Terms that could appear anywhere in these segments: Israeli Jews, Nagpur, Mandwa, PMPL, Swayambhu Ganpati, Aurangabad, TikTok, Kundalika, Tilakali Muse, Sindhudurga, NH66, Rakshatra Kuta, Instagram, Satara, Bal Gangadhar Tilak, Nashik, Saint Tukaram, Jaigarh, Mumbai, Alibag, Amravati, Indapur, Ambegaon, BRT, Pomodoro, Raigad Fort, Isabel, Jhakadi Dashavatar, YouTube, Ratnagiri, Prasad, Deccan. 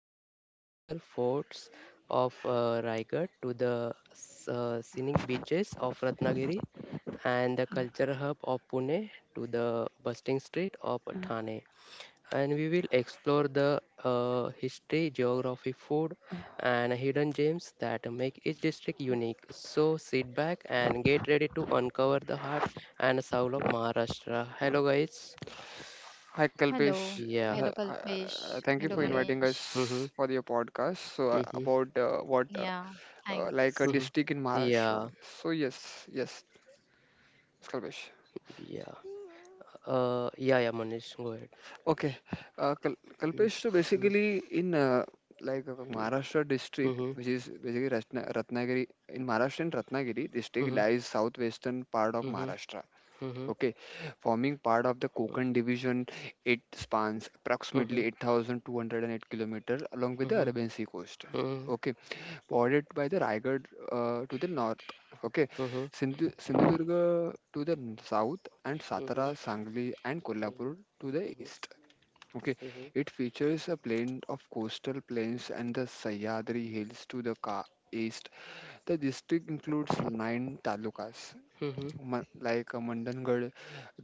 from the historical forts of Raigad to the scenic beaches of Ratnagiri and the culture hub of Pune to the bustling street of Thane and we will explore the history, geography, food, and hidden gems that make each district unique. So sit back and get ready to uncover the heart and soul of Maharashtra. Hello, guys. Hi Kalpesh. Hello. Yeah, Hello, Kalpesh. Thank you for Hello, yeah. inviting us Manish. Mm-hmm, for your podcast. So mm-hmm, about what Yeah, like a thanks. mm-hmm. district in Maharashtra. Yeah, So yes, yes, Kalpesh. yeah. Yeah, yeah, Manish, go ahead. Okay, Mm, Kalpesh. So mm, basically in like mm, Maharashtra district, mhm, which is basically Ratnagiri in Maharashtra, and Ratnagiri district mhm, lies southwestern part of mhm, Maharashtra. mhm, mhm, Okay, forming part of the Konkan division, it spans mhm, approximately mhm, 8,208 kilometers along with the mhm, mhm, Arabian Sea coast. mhm, mhm, Okay, bordered by the Raigad to the north. Okay, Sindhudurga to the south, and mhm, Satara, Sangli and Kolhapur to the east. Okay, mhm, it features a blend of coastal plains and the Sahyadri hills to the east. The district includes nine talukas, mhm, mhm, म मंडनगढ़,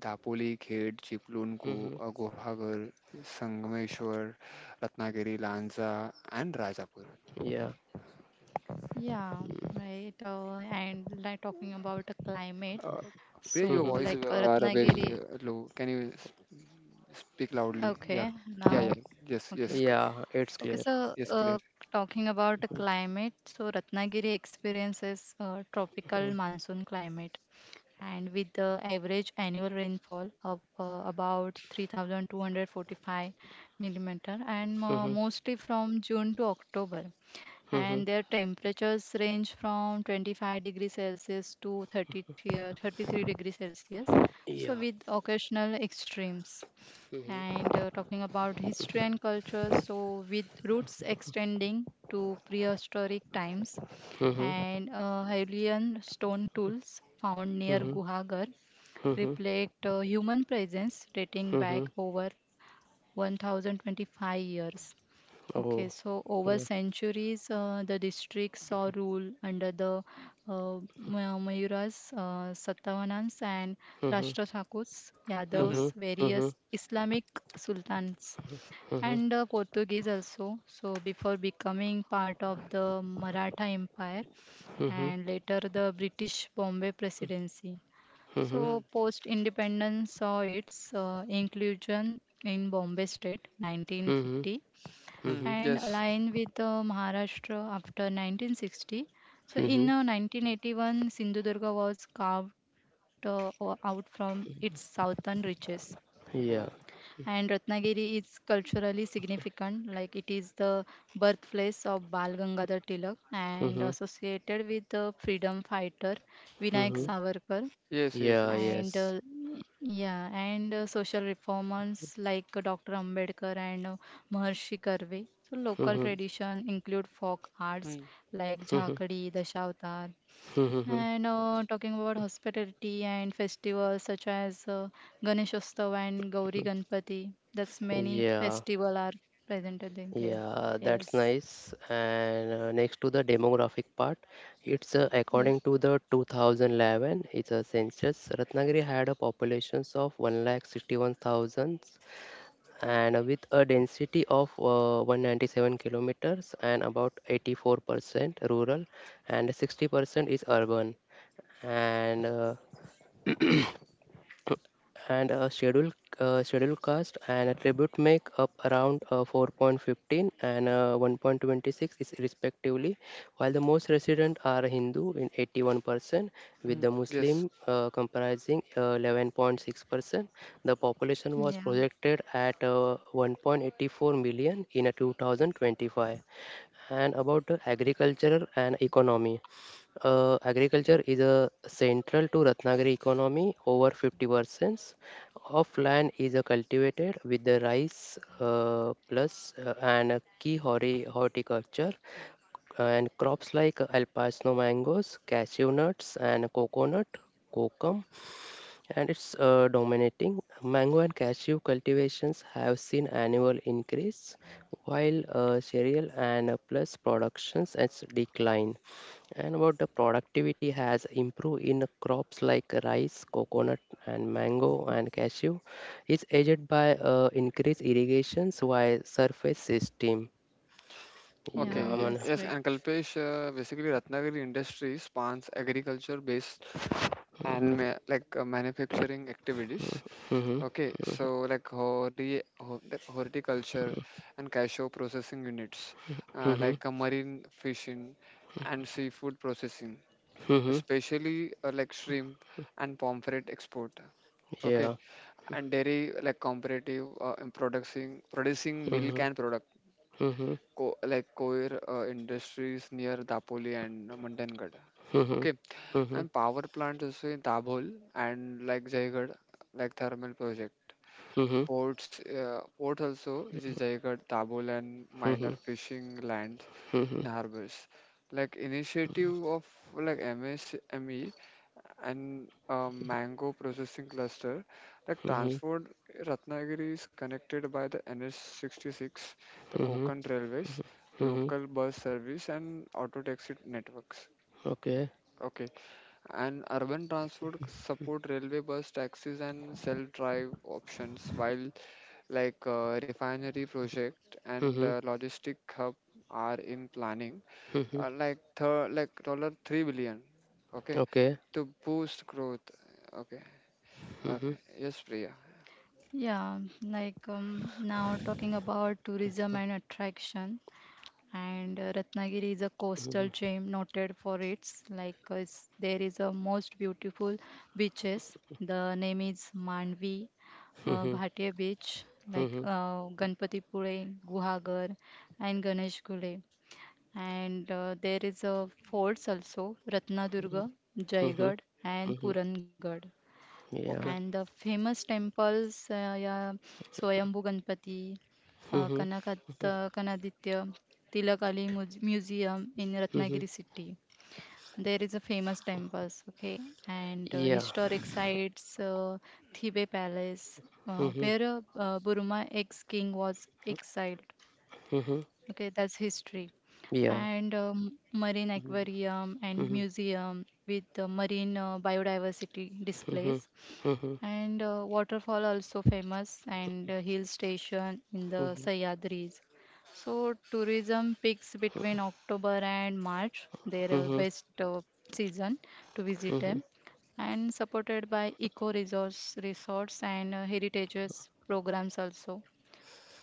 दापोली, खेड, चिपलून, को mhm, Guhagar, Sangameshwar, Ratnagiri, Lanja and Rajapur. Yeah. Yeah, right. And like talking about the climate. uh, where So, your Mhm. voice like are very Ratnagiri. Low, can you speak loudly? Yeah, Okay, yeah, yeah. now. Yes, Okay. yes, Yeah, it's Okay, clear. so yes, clear. Talking about the climate. So, Ratnagiri experiences tropical Mhm. monsoon climate, and with the average annual rainfall of about 3,245 millimeter, and Mhm. mostly from June to October, Mhm. and their temperatures range from 25 degrees celsius to 30, 33 degrees celsius, Yeah. so with occasional extremes. Mhm. And talking about history and culture, so with roots extending to prehistoric times, Mhm. and Hylian stone tools found near Mhm. Guhagar Mhm. reflect human presence dating back Mhm. over 1025 years. Okay, Oh, so over yeah. centuries, the district saw rule under the Mayuras, Satavanans, and Mhm. Rashtra Thakurs, Mm-hmm. Mhm. Yadavs, Mhm. various Islamic sultans, and Portuguese also. So, before becoming part of the Maratha Empire, Mhm. and later the British Bombay Presidency. Mhm. So, post independence saw its inclusion in Bombay State Mhm. 1950, Mhm. Mm-hmm. Mhm. and Yes. align with Maharashtra after 1960. So in Mhm. 1981, Sindhudurga was carved out from its southern reaches. Yeah. Oh, And Ratnagiri is culturally significant, like it is the birthplace of Bal Gangadhar Tilak and Mhm. associated with the freedom fighter Vinayak Mhm. Savarkar yes, yes, Yeah, yes. and yes. uh, yeah and social reformers like Dr. Ambedkar and Maharshi Karve, so local Mhm. Okay. tradition include folk arts Mm-hmm. like Mhm. Jhakadi Dashavatar. Mhm. And talking about hospitality and festivals such as Ganeshostav and Gauri Ganpati, that's many Yeah. festival are presented in there. Yeah, that's Yes, nice. And next to the demographic part, it's according yes. to the 2011, it's a census. Ratnagiri had a population of 1 lakh 161,000 and with a density of 197 kilometers and about 84% rural and 60% is urban. And uh, and a schedule schedule cost and attribute make up around 4.15 and 1.26 is respectively, while the most resident are hindu in 81% with the muslim Yes. Comprising 11.6%. The population was Yeah, projected at 1.84 million in 2025. And about the agriculture and economy. Agriculture is a central to Ratnagiri economy. Over 50% of land is cultivated with the rice plus and a key horticulture and crops like alpacino mangoes, cashew nuts and coconut, kokum and it's dominating. Mango and cashew cultivations have seen annual increase, while cereal and plus productions has decline. And about the productivity has improved in crops like rice, coconut, and mango and cashew, is aided by increased irrigations via surface system. Yeah, yeah, Okay, I that's mean, yes, great. and Kalpesh, basically Ratnagiri industry spans agriculture-based and like manufacturing activities. hmm Okay, so like the horticulture and cashew processing units, hmm like marine fishing and seafood processing, hmm especially like shrimp and pomfret export. Okay, yeah. and dairy, like comparative in producing milk hmm and product, hmm like coir industries near Dapoli and Mandangad. hmm Okay, hmm and power plant also in Dabhol and like Jaigarh, like thermal project. Ports, port also, which is Jaigarh, Dabhol, and minor hmm fishing lands in hmm harbors. Like initiative of like MSME and mango processing cluster, like Mhm, transport. Ratnagiri is connected by the NH66, the mhm, Konkan railways, mhm, local bus service, and auto taxi networks. okay. Okay, and urban transport support railway, bus, taxis and self drive options, while refinery project and Mhm, logistic hub are in planning, mhm, like dollar 3 billion, okay, okay. to boost growth. Okay, Mhm, okay, yes, Priya. Yeah, like now talking about tourism and attraction, and Ratnagiri is a coastal mhm, gem noted for its, like, there is a most beautiful beaches. The name is Manvi, mhm, Bhatia Beach, like mhm, Ganpatipure, Guhagar, and Ganesh Gule. And there is a forts also Ratnadurga, mhm, Jaigarh, and mhm, Purangarh. And the Okay, yeah. famous temples, yeah, Swayambhu Ganpati, Mhm, Kanakat, Kanaditya, Tilakali Museum in mhm, Ratnagiri city. There is a famous temples. Okay, and yeah. historic sites, Thibe Palace, Mhm, where Burma ex-king was exiled. mhm, Okay, that's history, yeah. and marine aquarium and Mhm, museum with marine biodiversity mhm, displays, mhm, and waterfall also famous, and hill station in the mhm, Sahyadris. So tourism peaks between October and March. Their mhm, best season to visit mhm, them, and supported by eco resource resorts and heritages programs also.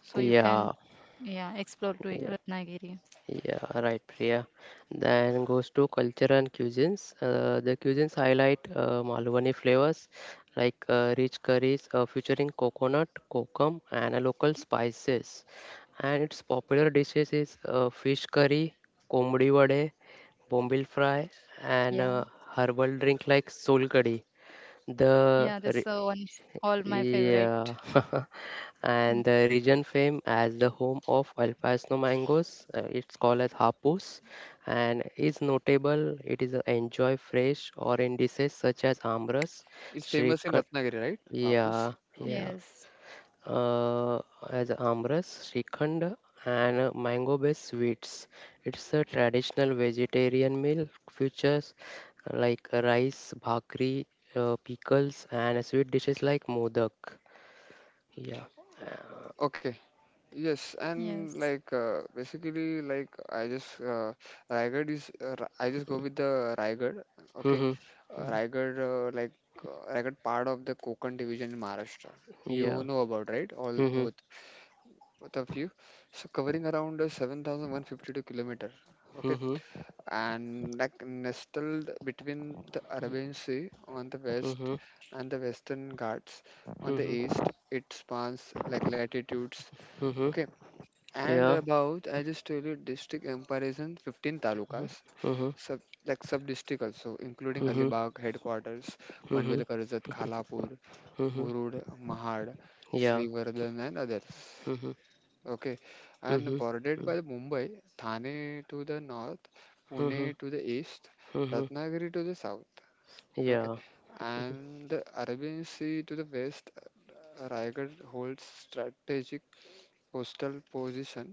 So you can, yeah, explore to yeah. Ratnagiri. Yeah, right, Priya. Then goes to culture and cuisines. The cuisines highlight Malwani flavors like rich curries featuring coconut, kokum, and local spices. And its popular dishes is fish curry, komdi vade, bombil fry, Yeah. and herbal drink like solkadi. Yeah, The that's re- one all my favorite. yeah, and Mm. the region fame as the home of El Paso mangoes. It's called as Hapus, and is notable. It is enjoy fresh or in dishes such as Amras, it's famous in Shrikhand. Ratnagiri, right? Vapus. Yeah, Okay, yeah. Yes. Uh, as Amras, Shrikhand, and mango-based sweets. It's a traditional vegetarian meal. Features like rice, bhakri, pickles, and sweet dishes like modak. Yeah. Uh, okay. Yes, and Yes. like basically, like I just Raigad is Ra- I just go with the Raigad. Okay, mhm. Raigad, Raigad part of the Konkan division in Maharashtra. You Yeah. know about, right? All both, Mhm. both of you. So covering around 7,152 kilometer. Okay, Mhm. and like nestled between the Arabian Sea on the west Mhm. and the Western Ghats on the Mhm. east, it spans like latitudes. Mhm. Okay, and Yeah. about, I just told you district comparison, 15 Mhm. talukas, Mhm. sub, like sub-district also, including Mhm. Alibag headquarters, Mhm. Panvel, Karjat, Khalapur, Mhm. Murud, Mahad, Yeah. Srivardhan and others. Mhm. Okay. And Mhm. bordered by the Mumbai, Thane to the north, Mhm. Pune to the east, Mhm. Ratnagiri to the south. Okay. Yeah. And the Arabian Sea to the west, Raigad holds strategic coastal position.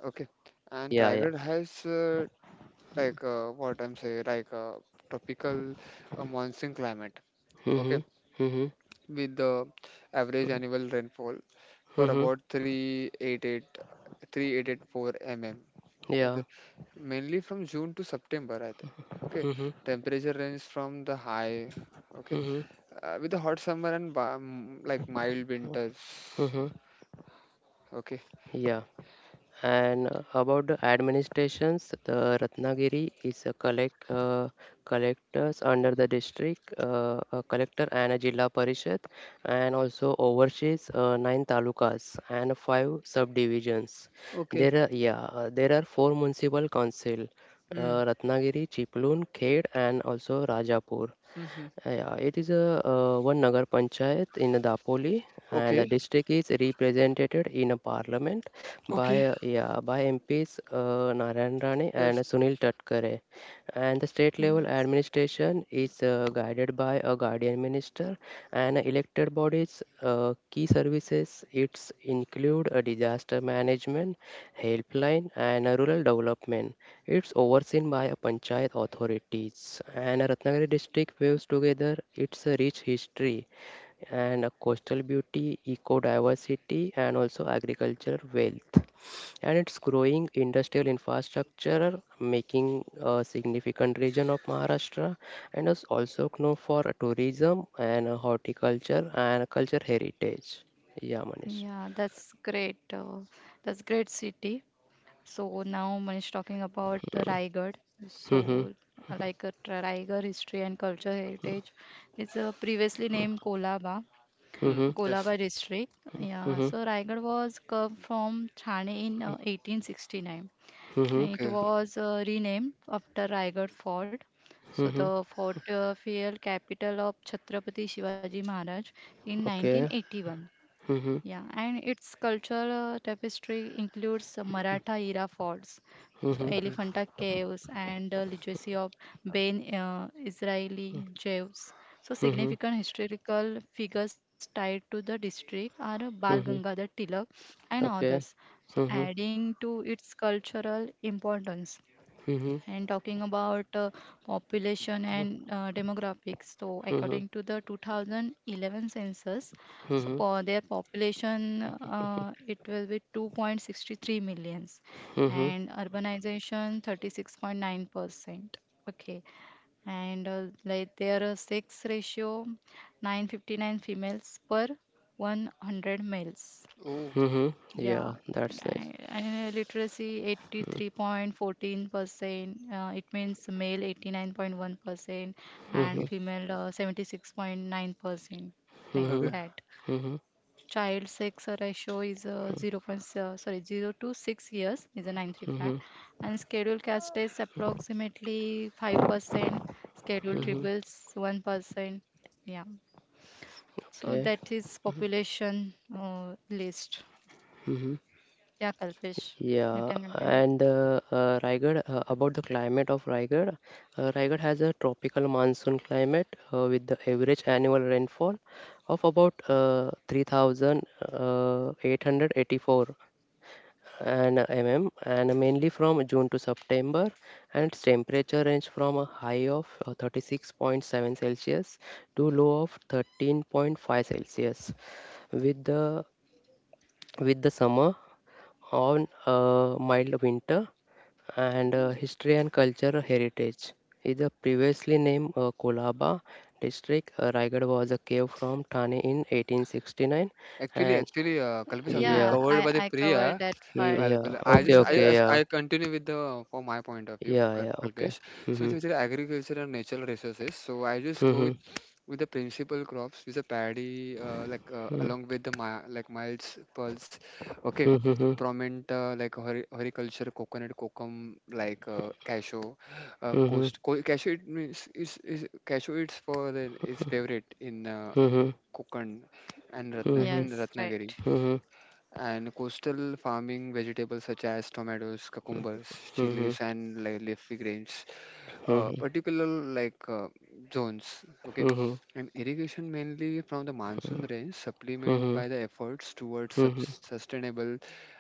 Okay. And Yeah. Yeah. Raigad has like what I'm saying, like tropical monsoon climate. Okay, Mhm. Mhm. with the average annual rainfall for Mhm. about 3,884 mm. Yeah. Okay, mainly from June to September, I think. Okay, Mhm. temperature range from the high. Okay, Mhm. With the hot summer and warm, like mild winters. Mhm. Okay. Yeah. And about the administrations, the Ratnagiri is a collectors under the district, a collector and a Jilla Parishad, and also oversees nine talukas and five subdivisions. Okay. There are yeah, there are four municipal council, Mm. Ratnagiri, Chiplun, Khed, and also Rajapur. Mm-hmm. Yeah, it is a one Nagar Panchayat in Dapoli, and the Okay. district is represented in a parliament Okay. by MPs Narayan Rane and Yes. Sunil Tatkare. And the state level Mm. administration is guided by a guardian minister and elected bodies. Key services it's include a disaster management, helpline, and a rural development. It's overseen by a panchayat authorities and Ratnagiri district weaves together its rich history and coastal beauty, eco-diversity and also agricultural wealth and its growing industrial infrastructure making a significant region of Maharashtra and is also known for tourism and horticulture and culture heritage. Yeah, Manish. Yeah, that's great. That's great city. So now Manish talking about Raigad. So Mm-hmm. Like a Raigad history and culture heritage. It's previously named Kolaba, Mm. Mm-hmm. Yes. Kolaba district. Yeah, Mm-hmm. so Raigad was carved from Thane in 1869. Mm-hmm. And it Okay. was renamed after Raigad Fort. So Mm-hmm. the fort fell capital of Chhatrapati Shivaji Maharaj in Okay. 1981. Mm-hmm. Yeah, and its cultural tapestry includes Maratha era forts, so Okay. Mm-hmm. Elephanta caves and the legacy of Ben Israeli Jews. So Mm-hmm. significant historical figures tied to the district are Bal Mhm. Gangadhar Tilak and Okay. others. So Mhm. adding to its cultural importance. Mhm. And talking about population Mhm. and demographics, so Mhm. according to the 2011 census, so Mhm. for their population, it will be 2.63 millions, Mhm. and urbanization 36.9%. Okay, and like their sex ratio, 959 females per 100 males. Oh, Mhm. Yeah, Yeah, that's nice. And literacy Mhm. 83.14%, it means male 89.1% Mhm. and okay. female 76.9%, Okay. Mhm. like that. Mhm. Child sex ratio is 0. Point sorry 0 to 6 years is a Mhm. 935, and scheduled caste is approximately 5%, Mm. scheduled Mhm. tribals 1%. Yeah, so Okay. that is population list. Mhm. Yeah, Kalpesh, you Yeah, can continue. and Raigad, about the climate of Raigad, Raigad has a tropical monsoon climate with the average annual rainfall of about 3,884 and mainly from june to september, and its temperature range from a high of 36.7 celsius to low of 13.5 celsius with the with the summer on a mild winter. And history and culture heritage is the previously named kolaba district. Raigad was a cave from thane in 1869 Actually, and actually, Kalpesh actually Yeah, yeah covered I by the I covered Priya. that part. Yeah I okay just, Yes, okay yeah I continue with the, from my point of view, yeah yeah okay Kalpesh. So, it's hmm actually agriculture and natural resources. So, I just go Mhm, with the principal crops with a paddy, mhm, along with the like miles, pulse. Okay, mhm, prominent like horticulture, coconut, cocum, like cashew, mhm, cashew, it means is cashew, it's for the is favorite in mhm, mhm, Konkan and Ratna mhm, mhm, in yes, right. Ratnagiri, mhm, and coastal farming vegetables such as tomatoes, cucumbers, mhm, chilies mhm, and like leafy greens, mhm, mhm, particular like zones. Okay, and irrigation mainly from the monsoon rains, supplement by the efforts towards sustainable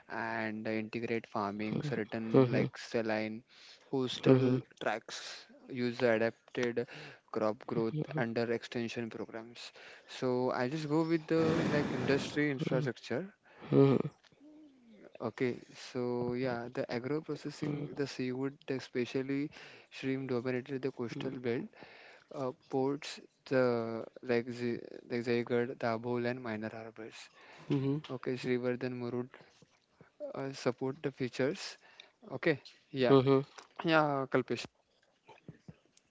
and integrate farming. Certain like saline mhm, coastal tracts use adapted crop growth under extension programs. So I just go with the like industry infrastructure. mhm, Okay, so yeah, the agro processing, the seafood, especially shrimp dominated the coastal belt, ports, the like Jaigarh, Dabhol, and minor harbors. mhm, Okay, Srivardhan, Murud support the features. Okay, yeah, mhm. yeah, Kalpesh.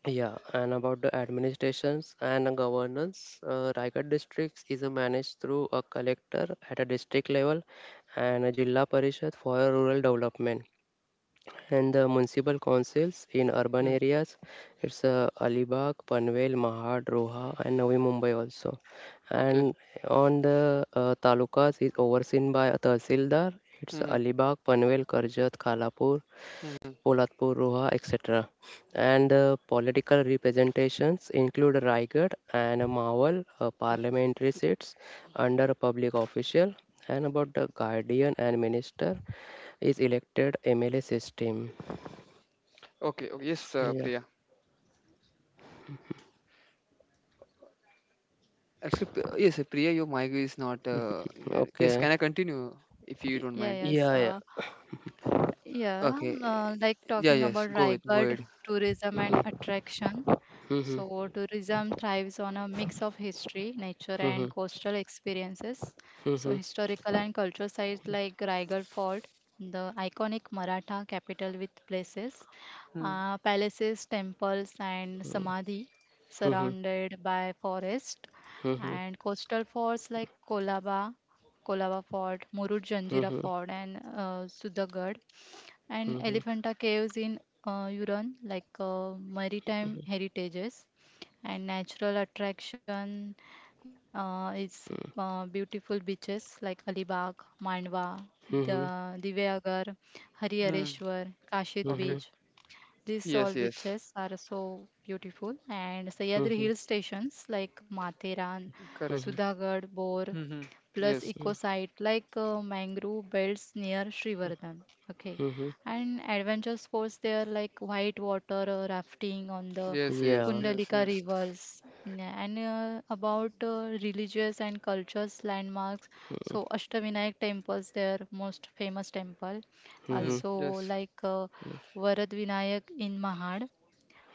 Yeah, and about the administrations and the governance, Raigad districts is managed through a collector at a district level and a Jilla Parishad for rural development, and the municipal councils in urban Mm, areas. It's Alibag, Panvel, Mahad, Roha, and Navi Mumbai also. okay. And on the talukas is overseen by a tahsildar. It's Mm-hmm. Alibag, Panvel, Karjat, Khalapur, Mm-hmm. Polatpur, Roha, etc. And the political representations include Raigad and Mawal parliamentary seats under a public official. And about the guardian and minister is elected MLA system. Okay. Okay. Yes, Yeah. Priya. Actually, yes, Priya, your mic is not. Here. Yes, Okay. can I continue if you don't Yeah, mind? yes. Yeah, yeah. Yeah, Okay. Like Yeah. talking Yes. about Go ahead, go Raigad ahead. tourism and attraction. Mhm. So, tourism thrives on a mix of history, nature, and Mhm. coastal experiences. So, Mhm. historical and cultural sites like Raigad Fort, the iconic Maratha capital with places, palaces, temples, and samadhi Mhm. surrounded by forest, Mhm. and coastal forts like Kolaba, Kolaba Fort, Murud Janjira Mhm. Fort, and Sudhagad and Mhm. Elephanta caves in Huron, like maritime heritages and natural attraction is beautiful beaches like Alibag, Mandwa, the Mhm. Divyagar, Mm-hmm. Harihareshwar, Kashid Okay. Mhm. Beach. These Yes, all yes. beaches are so beautiful. And Sahyadri hill stations like Matheran, Correct. Mhm. Sudhagad, Bor, Mm-hmm. plus Yes, eco site like mangrove belts near Srivardhan. Okay, Mhm. and adventure sports there like white water rafting on the yes, yes, Yeah. yes, Kundalika yes. rivers, and about religious and cultures landmarks. So Ashtavinayak temples there, most famous temple, Hmm, Mhm. also yes. like Mhm. Yeah. Varad Vinayak in Mahad,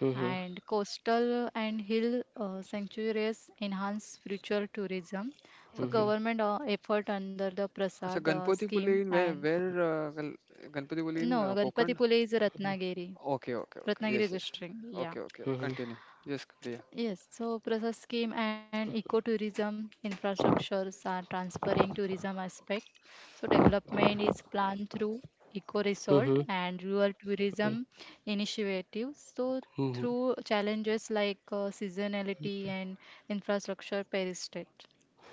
Mhm. and coastal and hill sanctuaries enhance spiritual tourism. Mhm. So Okay. Mhm. government effort under the अच्छा, Prasad Ganpatipuli scheme in and, Ganpatipuli no, in Konkan? Ganpatipule is Ratnagiri, Okay, okay, okay. Ratnagiri Yes, yes. district. Yeah. Okay, okay. Mhm. Continue. Yes, Priya. Yes, so process scheme and ecotourism infrastructures are transferring tourism aspect. So development is planned through eco resort Mhm. and rural tourism initiatives. So Mhm. through challenges like seasonality and infrastructure per.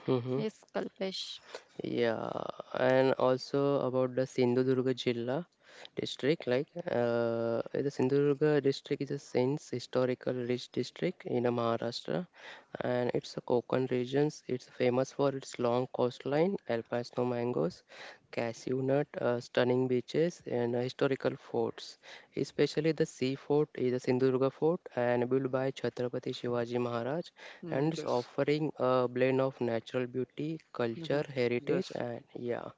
Mhm. Yes, Kalpesh. Yeah, and also about the Sindhudurga Jilla district, like the Sindhudurga district is a since historical rich district in Maharashtra, and it's a Konkan regions. It's famous for its long coastline, alpine snow mangoes, cashew nut, stunning beaches, and historical forts. Especially the sea fort is a Sindhudurga fort and built by Chhatrapati Shivaji Maharaj Hmm, and it's yes. offering a blend of natural beauty, Mm-hmm. culture, heritage, Yes. and yeah.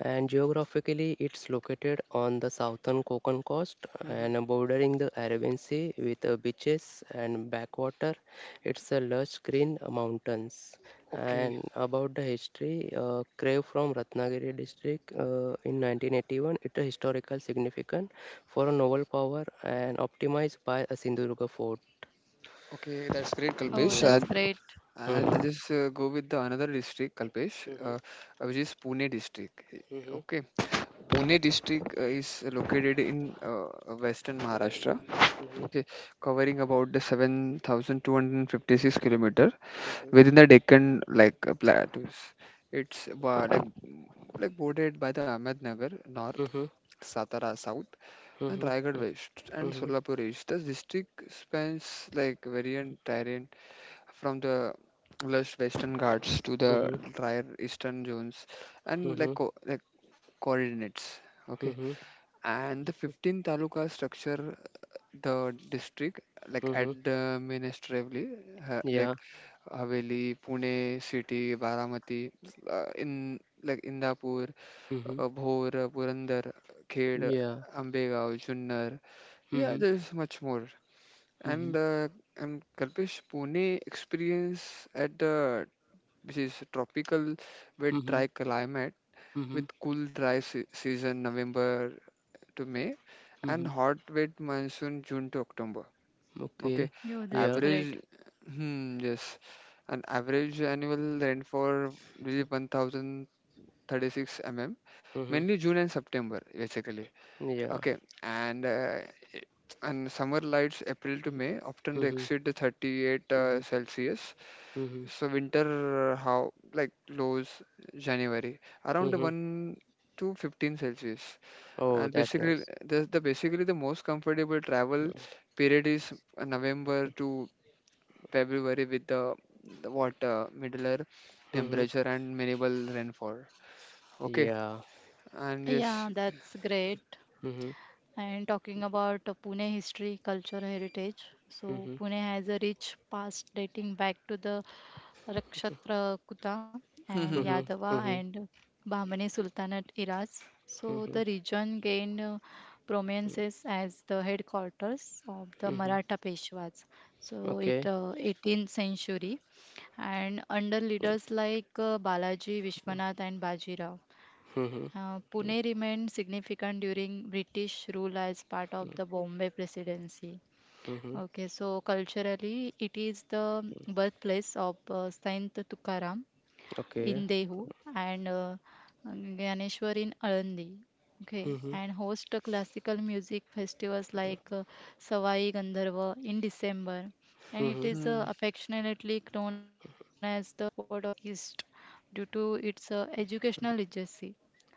And geographically, it's located on the southern Konkan coast Mm-hmm. and bordering the Arabian Sea with beaches and backwater. It's a lush green mountains. Okay. And about the history, Crave from Ratnagiri district in 1981, it is historical significant for a novel power and optimized by a Sindhudurga fort. Okay, that's great, Oh, Kalpesh. Yeah. That's great. I Mhm. just go with the another district, Kalpesh, Mhm. Which is Pune district. Mhm. Okay, Pune district is located in western Maharashtra. Mhm, Okay, covering about the 7,256 km within mhm, the Deccan like plateaus. It's bordered by the Ahmednagar north, mhm, Satara south, and mhm, Raigad west, and mhm, Solapur east. The district spans like variant terrain from the lush Western Ghats to the mhm, drier eastern zones, and like coordinates. Okay, mhm, and the 15 taluka structure the district like mhm, administratively uh, yeah, like Haveli, Pune city, Baramati, in like Indapur, mhm, Bhor, Purandar, Khed, yeah, Ambegaon, Junnar. Yeah, mhm, there's much more. And mhm, Kalpesh, Pune experience at the, which is tropical, with mhm, dry climate, mhm, with cool dry se season November to May, and mhm, hot wet monsoon June to October. Okay, okay, Yo, yeah, that's average, great. hmm, yes, an average annual rainfall is 1,036 mm, mhm, mainly June and September, basically. yeah, Okay, and i- summer lights April to May often they mhm, exceed the 38 mhm, Celsius. mhm, So winter, how like lows January around the mhm. 1 to 15 Celsius. Oh, And that's basically, nice. The most comfortable travel period is November to February with the what middler Mhm, temperature and minimal rainfall. Okay, yeah, and Yeah, yes. that's great. mhm, And talking about Pune history, culture, heritage. So, mhm, Pune has a rich past dating back to the Rakshatra Kuta and Hmm, hmm, hmm, mhm, Yadava mhm, and Bahmani Sultanate eras. So, mhm, the region gained prominence as the headquarters of the mhm, Maratha Peshwas. So, it okay, 18th century and under leaders like Balaji, Vishwanath, and Bajirao. mhm, Pune remained significant during British rule as part of the Bombay Presidency. mhm, Okay, so culturally, it is the birthplace of Saint Tukaram okay, in Dehu and Ganeshwar in Alandi. Okay, mhm, and host the classical music festivals like Savai Gandharva in December, and it mhm, is hmm. Affectionately known as the Oxford of the East due to its educational legacy.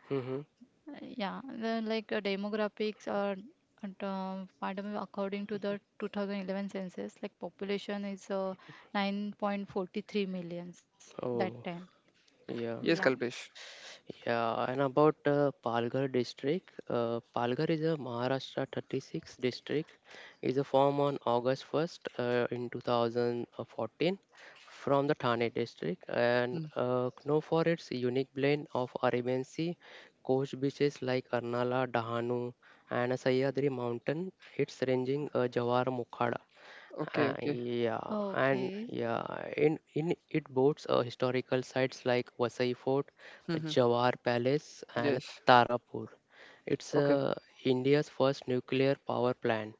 mhm. Yeah, then like demographics are at, pardon me, according to the 2011 census, like population is 9.43 millions that Oh, time. yeah. Yes, Yeah. Kalpesh. Yeah, and about Palghar district, Palghar is a Maharashtra 36 district, is a form on August 1st in 2014 from the Thane district and Hmm. Known for its unique blend of Arabian Sea coast beaches like Arnala, Dahanu and Sahyadri mountain, its ranging Jawar Mukhada. Okay, okay. Yeah, and Okay. yeah, in it boasts historical sites like Vasai Fort, Hmm, hmm. Jawar Palace, and Yes. Tarapur. It's Okay, India's first nuclear power plant.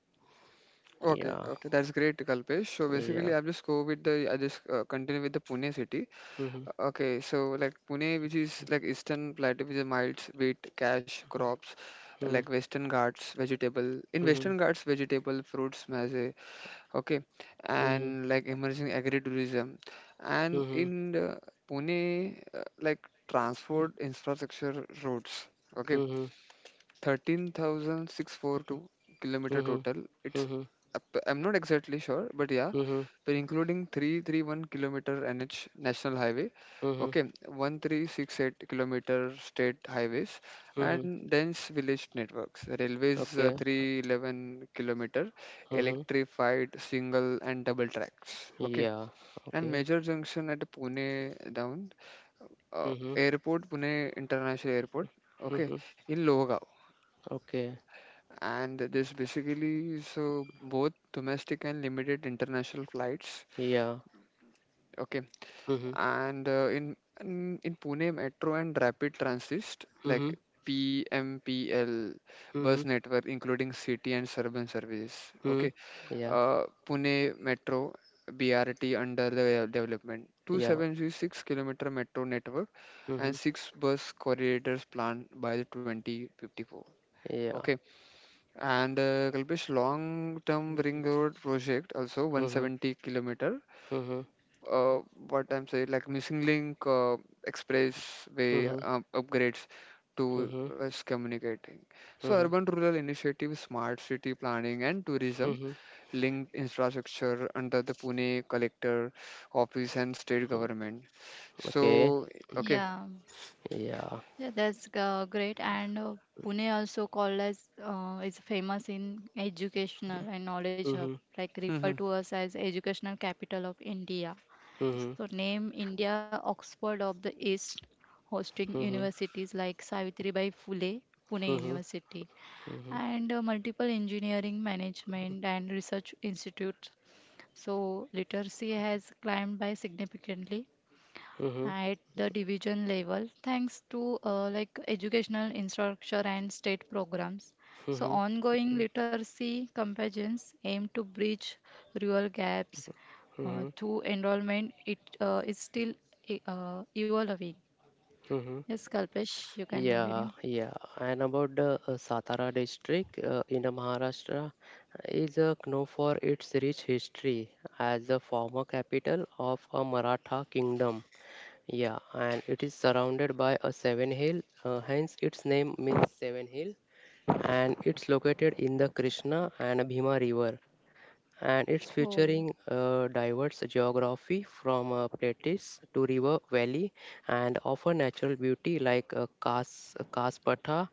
okay, Yeah, okay. That's great, Kalpesh. So yeah. basically, I'll just go with the. I just continue with the Pune city. Hmm Okay, so like Pune, which is like Eastern Plateau, which is miles, wheat, cash, crops, hmm like Western Ghats, vegetable. In mm-hmm, Western Ghats, vegetable, fruits, maize, okay, mm-hmm, and like emerging agritourism, and mm-hmm, in the Pune like transport infrastructure roads, okay, mm-hmm, 13,642 kilometer mm-hmm, total, it's mm-hmm, I'm not exactly sure but yeah, mm-hmm, but including 331-kilometer NH national highway, mm-hmm, okay, 1,368 kilometer state highways, mm-hmm. and dense village networks. Railways, Okay. 311-kilometer, Mm-hmm. electrified single and double tracks, okay, Yeah. and Okay. major junction at Pune down, Mm-hmm. airport, Pune International Airport. Okay, Mm-hmm. in Lohgaon, Okay. and this basically so both domestic and limited international flights. Yeah. Okay, Mm-hmm. and in Pune Metro and Rapid Transit Mm-hmm. like PMPL bus Mm-hmm. network including city and suburban services. Mm-hmm. Okay, Yeah. Pune Metro BRT under the development 276 Yeah. kilometer metro network, Mhm. and six bus corridors planned by the 2054. Yeah. Okay, and Kalpesh, long term ring road project also Mhm. 170 kilometer, Mhm. uh, what I'm saying, like missing link, expressway Mhm. Upgrades to Mhm. us communicating. So Mhm. urban rural initiative, smart city planning and tourism Mhm. linked infrastructure under the Pune collector office and state government. Okay. So okay. Yeah. Yeah. Yeah, that's great. And Pune also called as is famous in educational and knowledge hub, Mhm. like refer Hmm, to us as educational capital of India. Mhm. So name India Oxford of the East, hosting Mhm. universities like Savitribai Phule, Pune Mhm. University, Mhm. and multiple engineering, management, and research institutes. So literacy has climbed by significantly Mhm. at the division level thanks to like educational infrastructure and state programs, so Mhm. ongoing literacy campaigns aim to bridge rural gaps Mhm. to enrollment, it is still evolving. Mhm. Yes, Kalpesh, you can continue. Yeah, yeah. And about the Satara district in Maharashtra is known for its rich history as the former capital of a Maratha kingdom. Yeah, and it is surrounded by a seven hill, hence its name means seven hill, and it's located in the Krishna and Bhima river and it's Oh, featuring diverse geography from plateaus to river valley and offer natural beauty like Kas, Kaspatha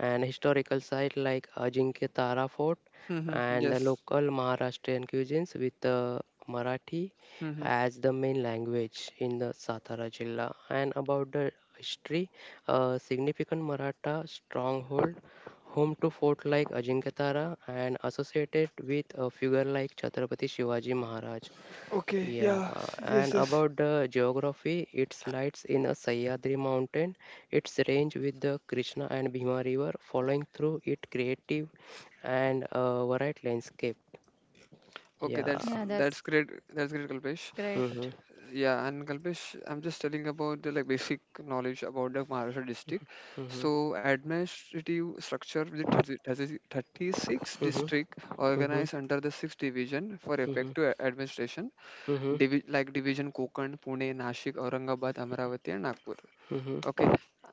and historical site like Ajinkya Tara Fort hmm. and the Yes. local Maharashtrian cuisines with Marathi Hmm. as the main language in the Satara Jilla. And about the history, a significant Maratha stronghold. Home to fort like Ajinkatara and associated with a figure like Chhatrapati Shivaji Maharaj. Okay. Yeah, Yeah. and Yes, yes. about the geography, it slides in a Sahyadri mountain, its range with the Krishna and Bhima river following through it creative and varied landscape. Okay. Yeah. That's yeah, that's that's great. great. That's great, Kalpesh. Mhm, Yeah, and Kalpesh, I'm just telling about the like basic knowledge about the Maharashtra district. mhm, So administrative structure with 36 mhm, district mhm, organized under the six division for mhm, effective administration. mhm, mhm, Division Konkan, Pune, Nashik, Aurangabad, Amravati, and Nagpur. mhm, Okay,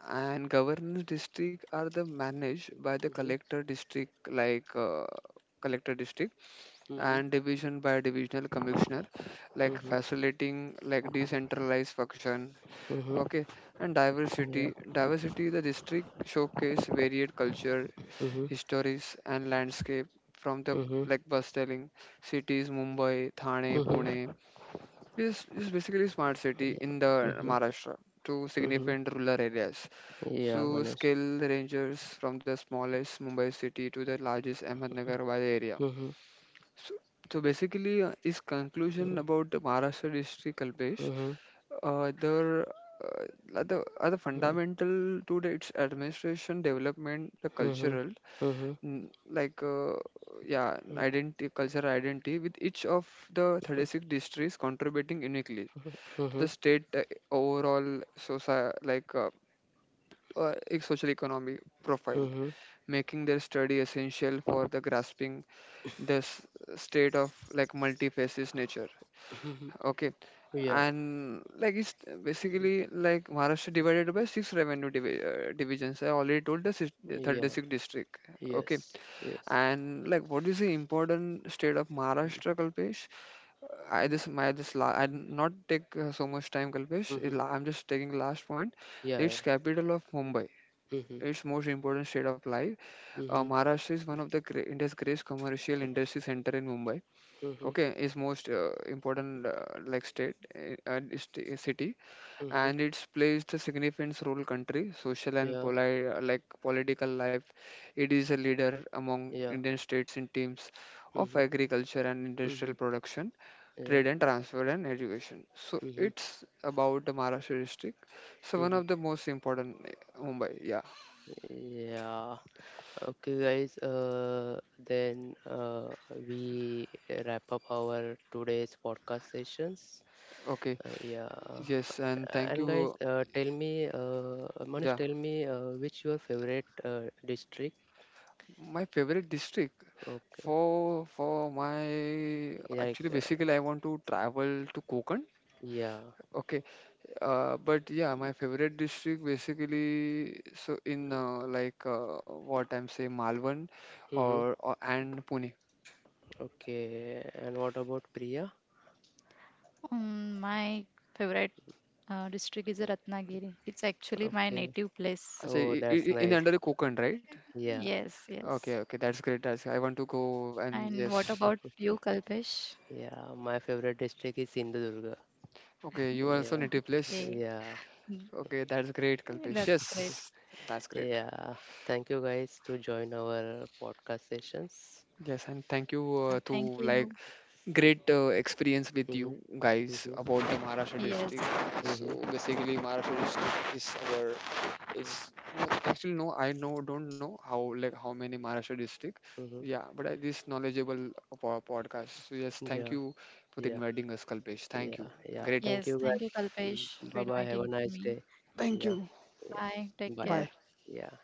and governance district are the managed by the collector district like collector district, mhm, and division by divisional commissioner, like mhm, facilitating like decentralized function. mhm. Okay, and Yeah. Diversity the district showcase varied culture, Mhm, histories and landscape, from the mhm, like bus telling cities Mumbai, Thane, Pune. mhm, This is basically smart city in the mhm, Maharashtra, to mhm. significant rural areas. Yeah, So Manish. scale ranges from the smallest Mumbai city to the largest Ahmednagar Valley area. Mhm, So, so basically, his conclusion mhm, about the Maharashtra history, Kalpesh, mhm, there are the mhm, fundamental to the, its administration development, the mhm, cultural, mhm, mm, cultural identity, with each of the 36 districts contributing uniquely mhm, to the mhm, state overall society, social economy profile, mhm, making their study essential for the grasping the s- state of like multi-faces nature. mhm. Okay. Yeah, And like it's basically like Maharashtra divided by six revenue divisions. I already told the yeah, 36 district. Okay. yes, yes. And like what is the important state of Maharashtra, Kalpesh? I Mhm, just my just la I not take so much time, Kalpesh. Mhm. I'm just taking last point. Yeah, yeah. Its capital of Mumbai. Mhm, Its most important state of life. Mhm, Maharashtra is one of the India's greatest commercial industry center in Mumbai. mhm, Okay, is most important, like state and city, mhm. and it's placed a significant role country social and Yeah, like political life. It is a leader among yeah. Indian states in teams of Mhm, agriculture and industrial mhm, production, yeah. trade and transfer and education. So Mhm, it's about the Maharashtra district, so one mhm. of the most important, Mumbai. Yeah, Yeah. Okay, guys. Then we wrap up our today's podcast sessions. okay, Yeah. yes, and thank And you. guys, tell me, Manish, Yeah. tell me which your favorite district? My favorite district, Okay, for my like actually basically I want to travel to Konkan. yeah. Okay, but yeah, my favorite district basically so in like what I'm saying Malvan Mm-hmm. Or and Pune. Okay. And what about Priya? My favorite district is Ratnagiri. It's actually my Okay. native place. Achha, I Oh, say that's in the nice. under Konkan, right? Yeah, Yes, Okay, yes. okay, that's great. That's I want to go, and And what yes. about you, Kalpesh? yeah. My favorite district is Sindhudurga. Okay, you also Yeah, native Okay. place. yeah, mm, Okay, that's great, that's Kalpesh. great. Yes, that's great. yeah. Thank you guys to join our podcast sessions. Yes, and thank you to Thank you. like. Great experience with you Mm-hmm, guys mm-hmm, about the Maharashtra Yes, district. So mm-hmm, basically, Maharashtra district is our, it's no, actually no, I know don't know how how many Maharashtra district. mm-hmm. Yeah, but I, this knowledgeable podcast. So yes, thank Yeah, you for yeah. inviting us, Kalpesh. Thank Yeah, you. yeah. Thank Great. yes, you thank you, guys. Kalpesh, to Bye bye. Have a inviting nice me. day. Yeah, yeah. Bye, take Bye care. bye. Yeah.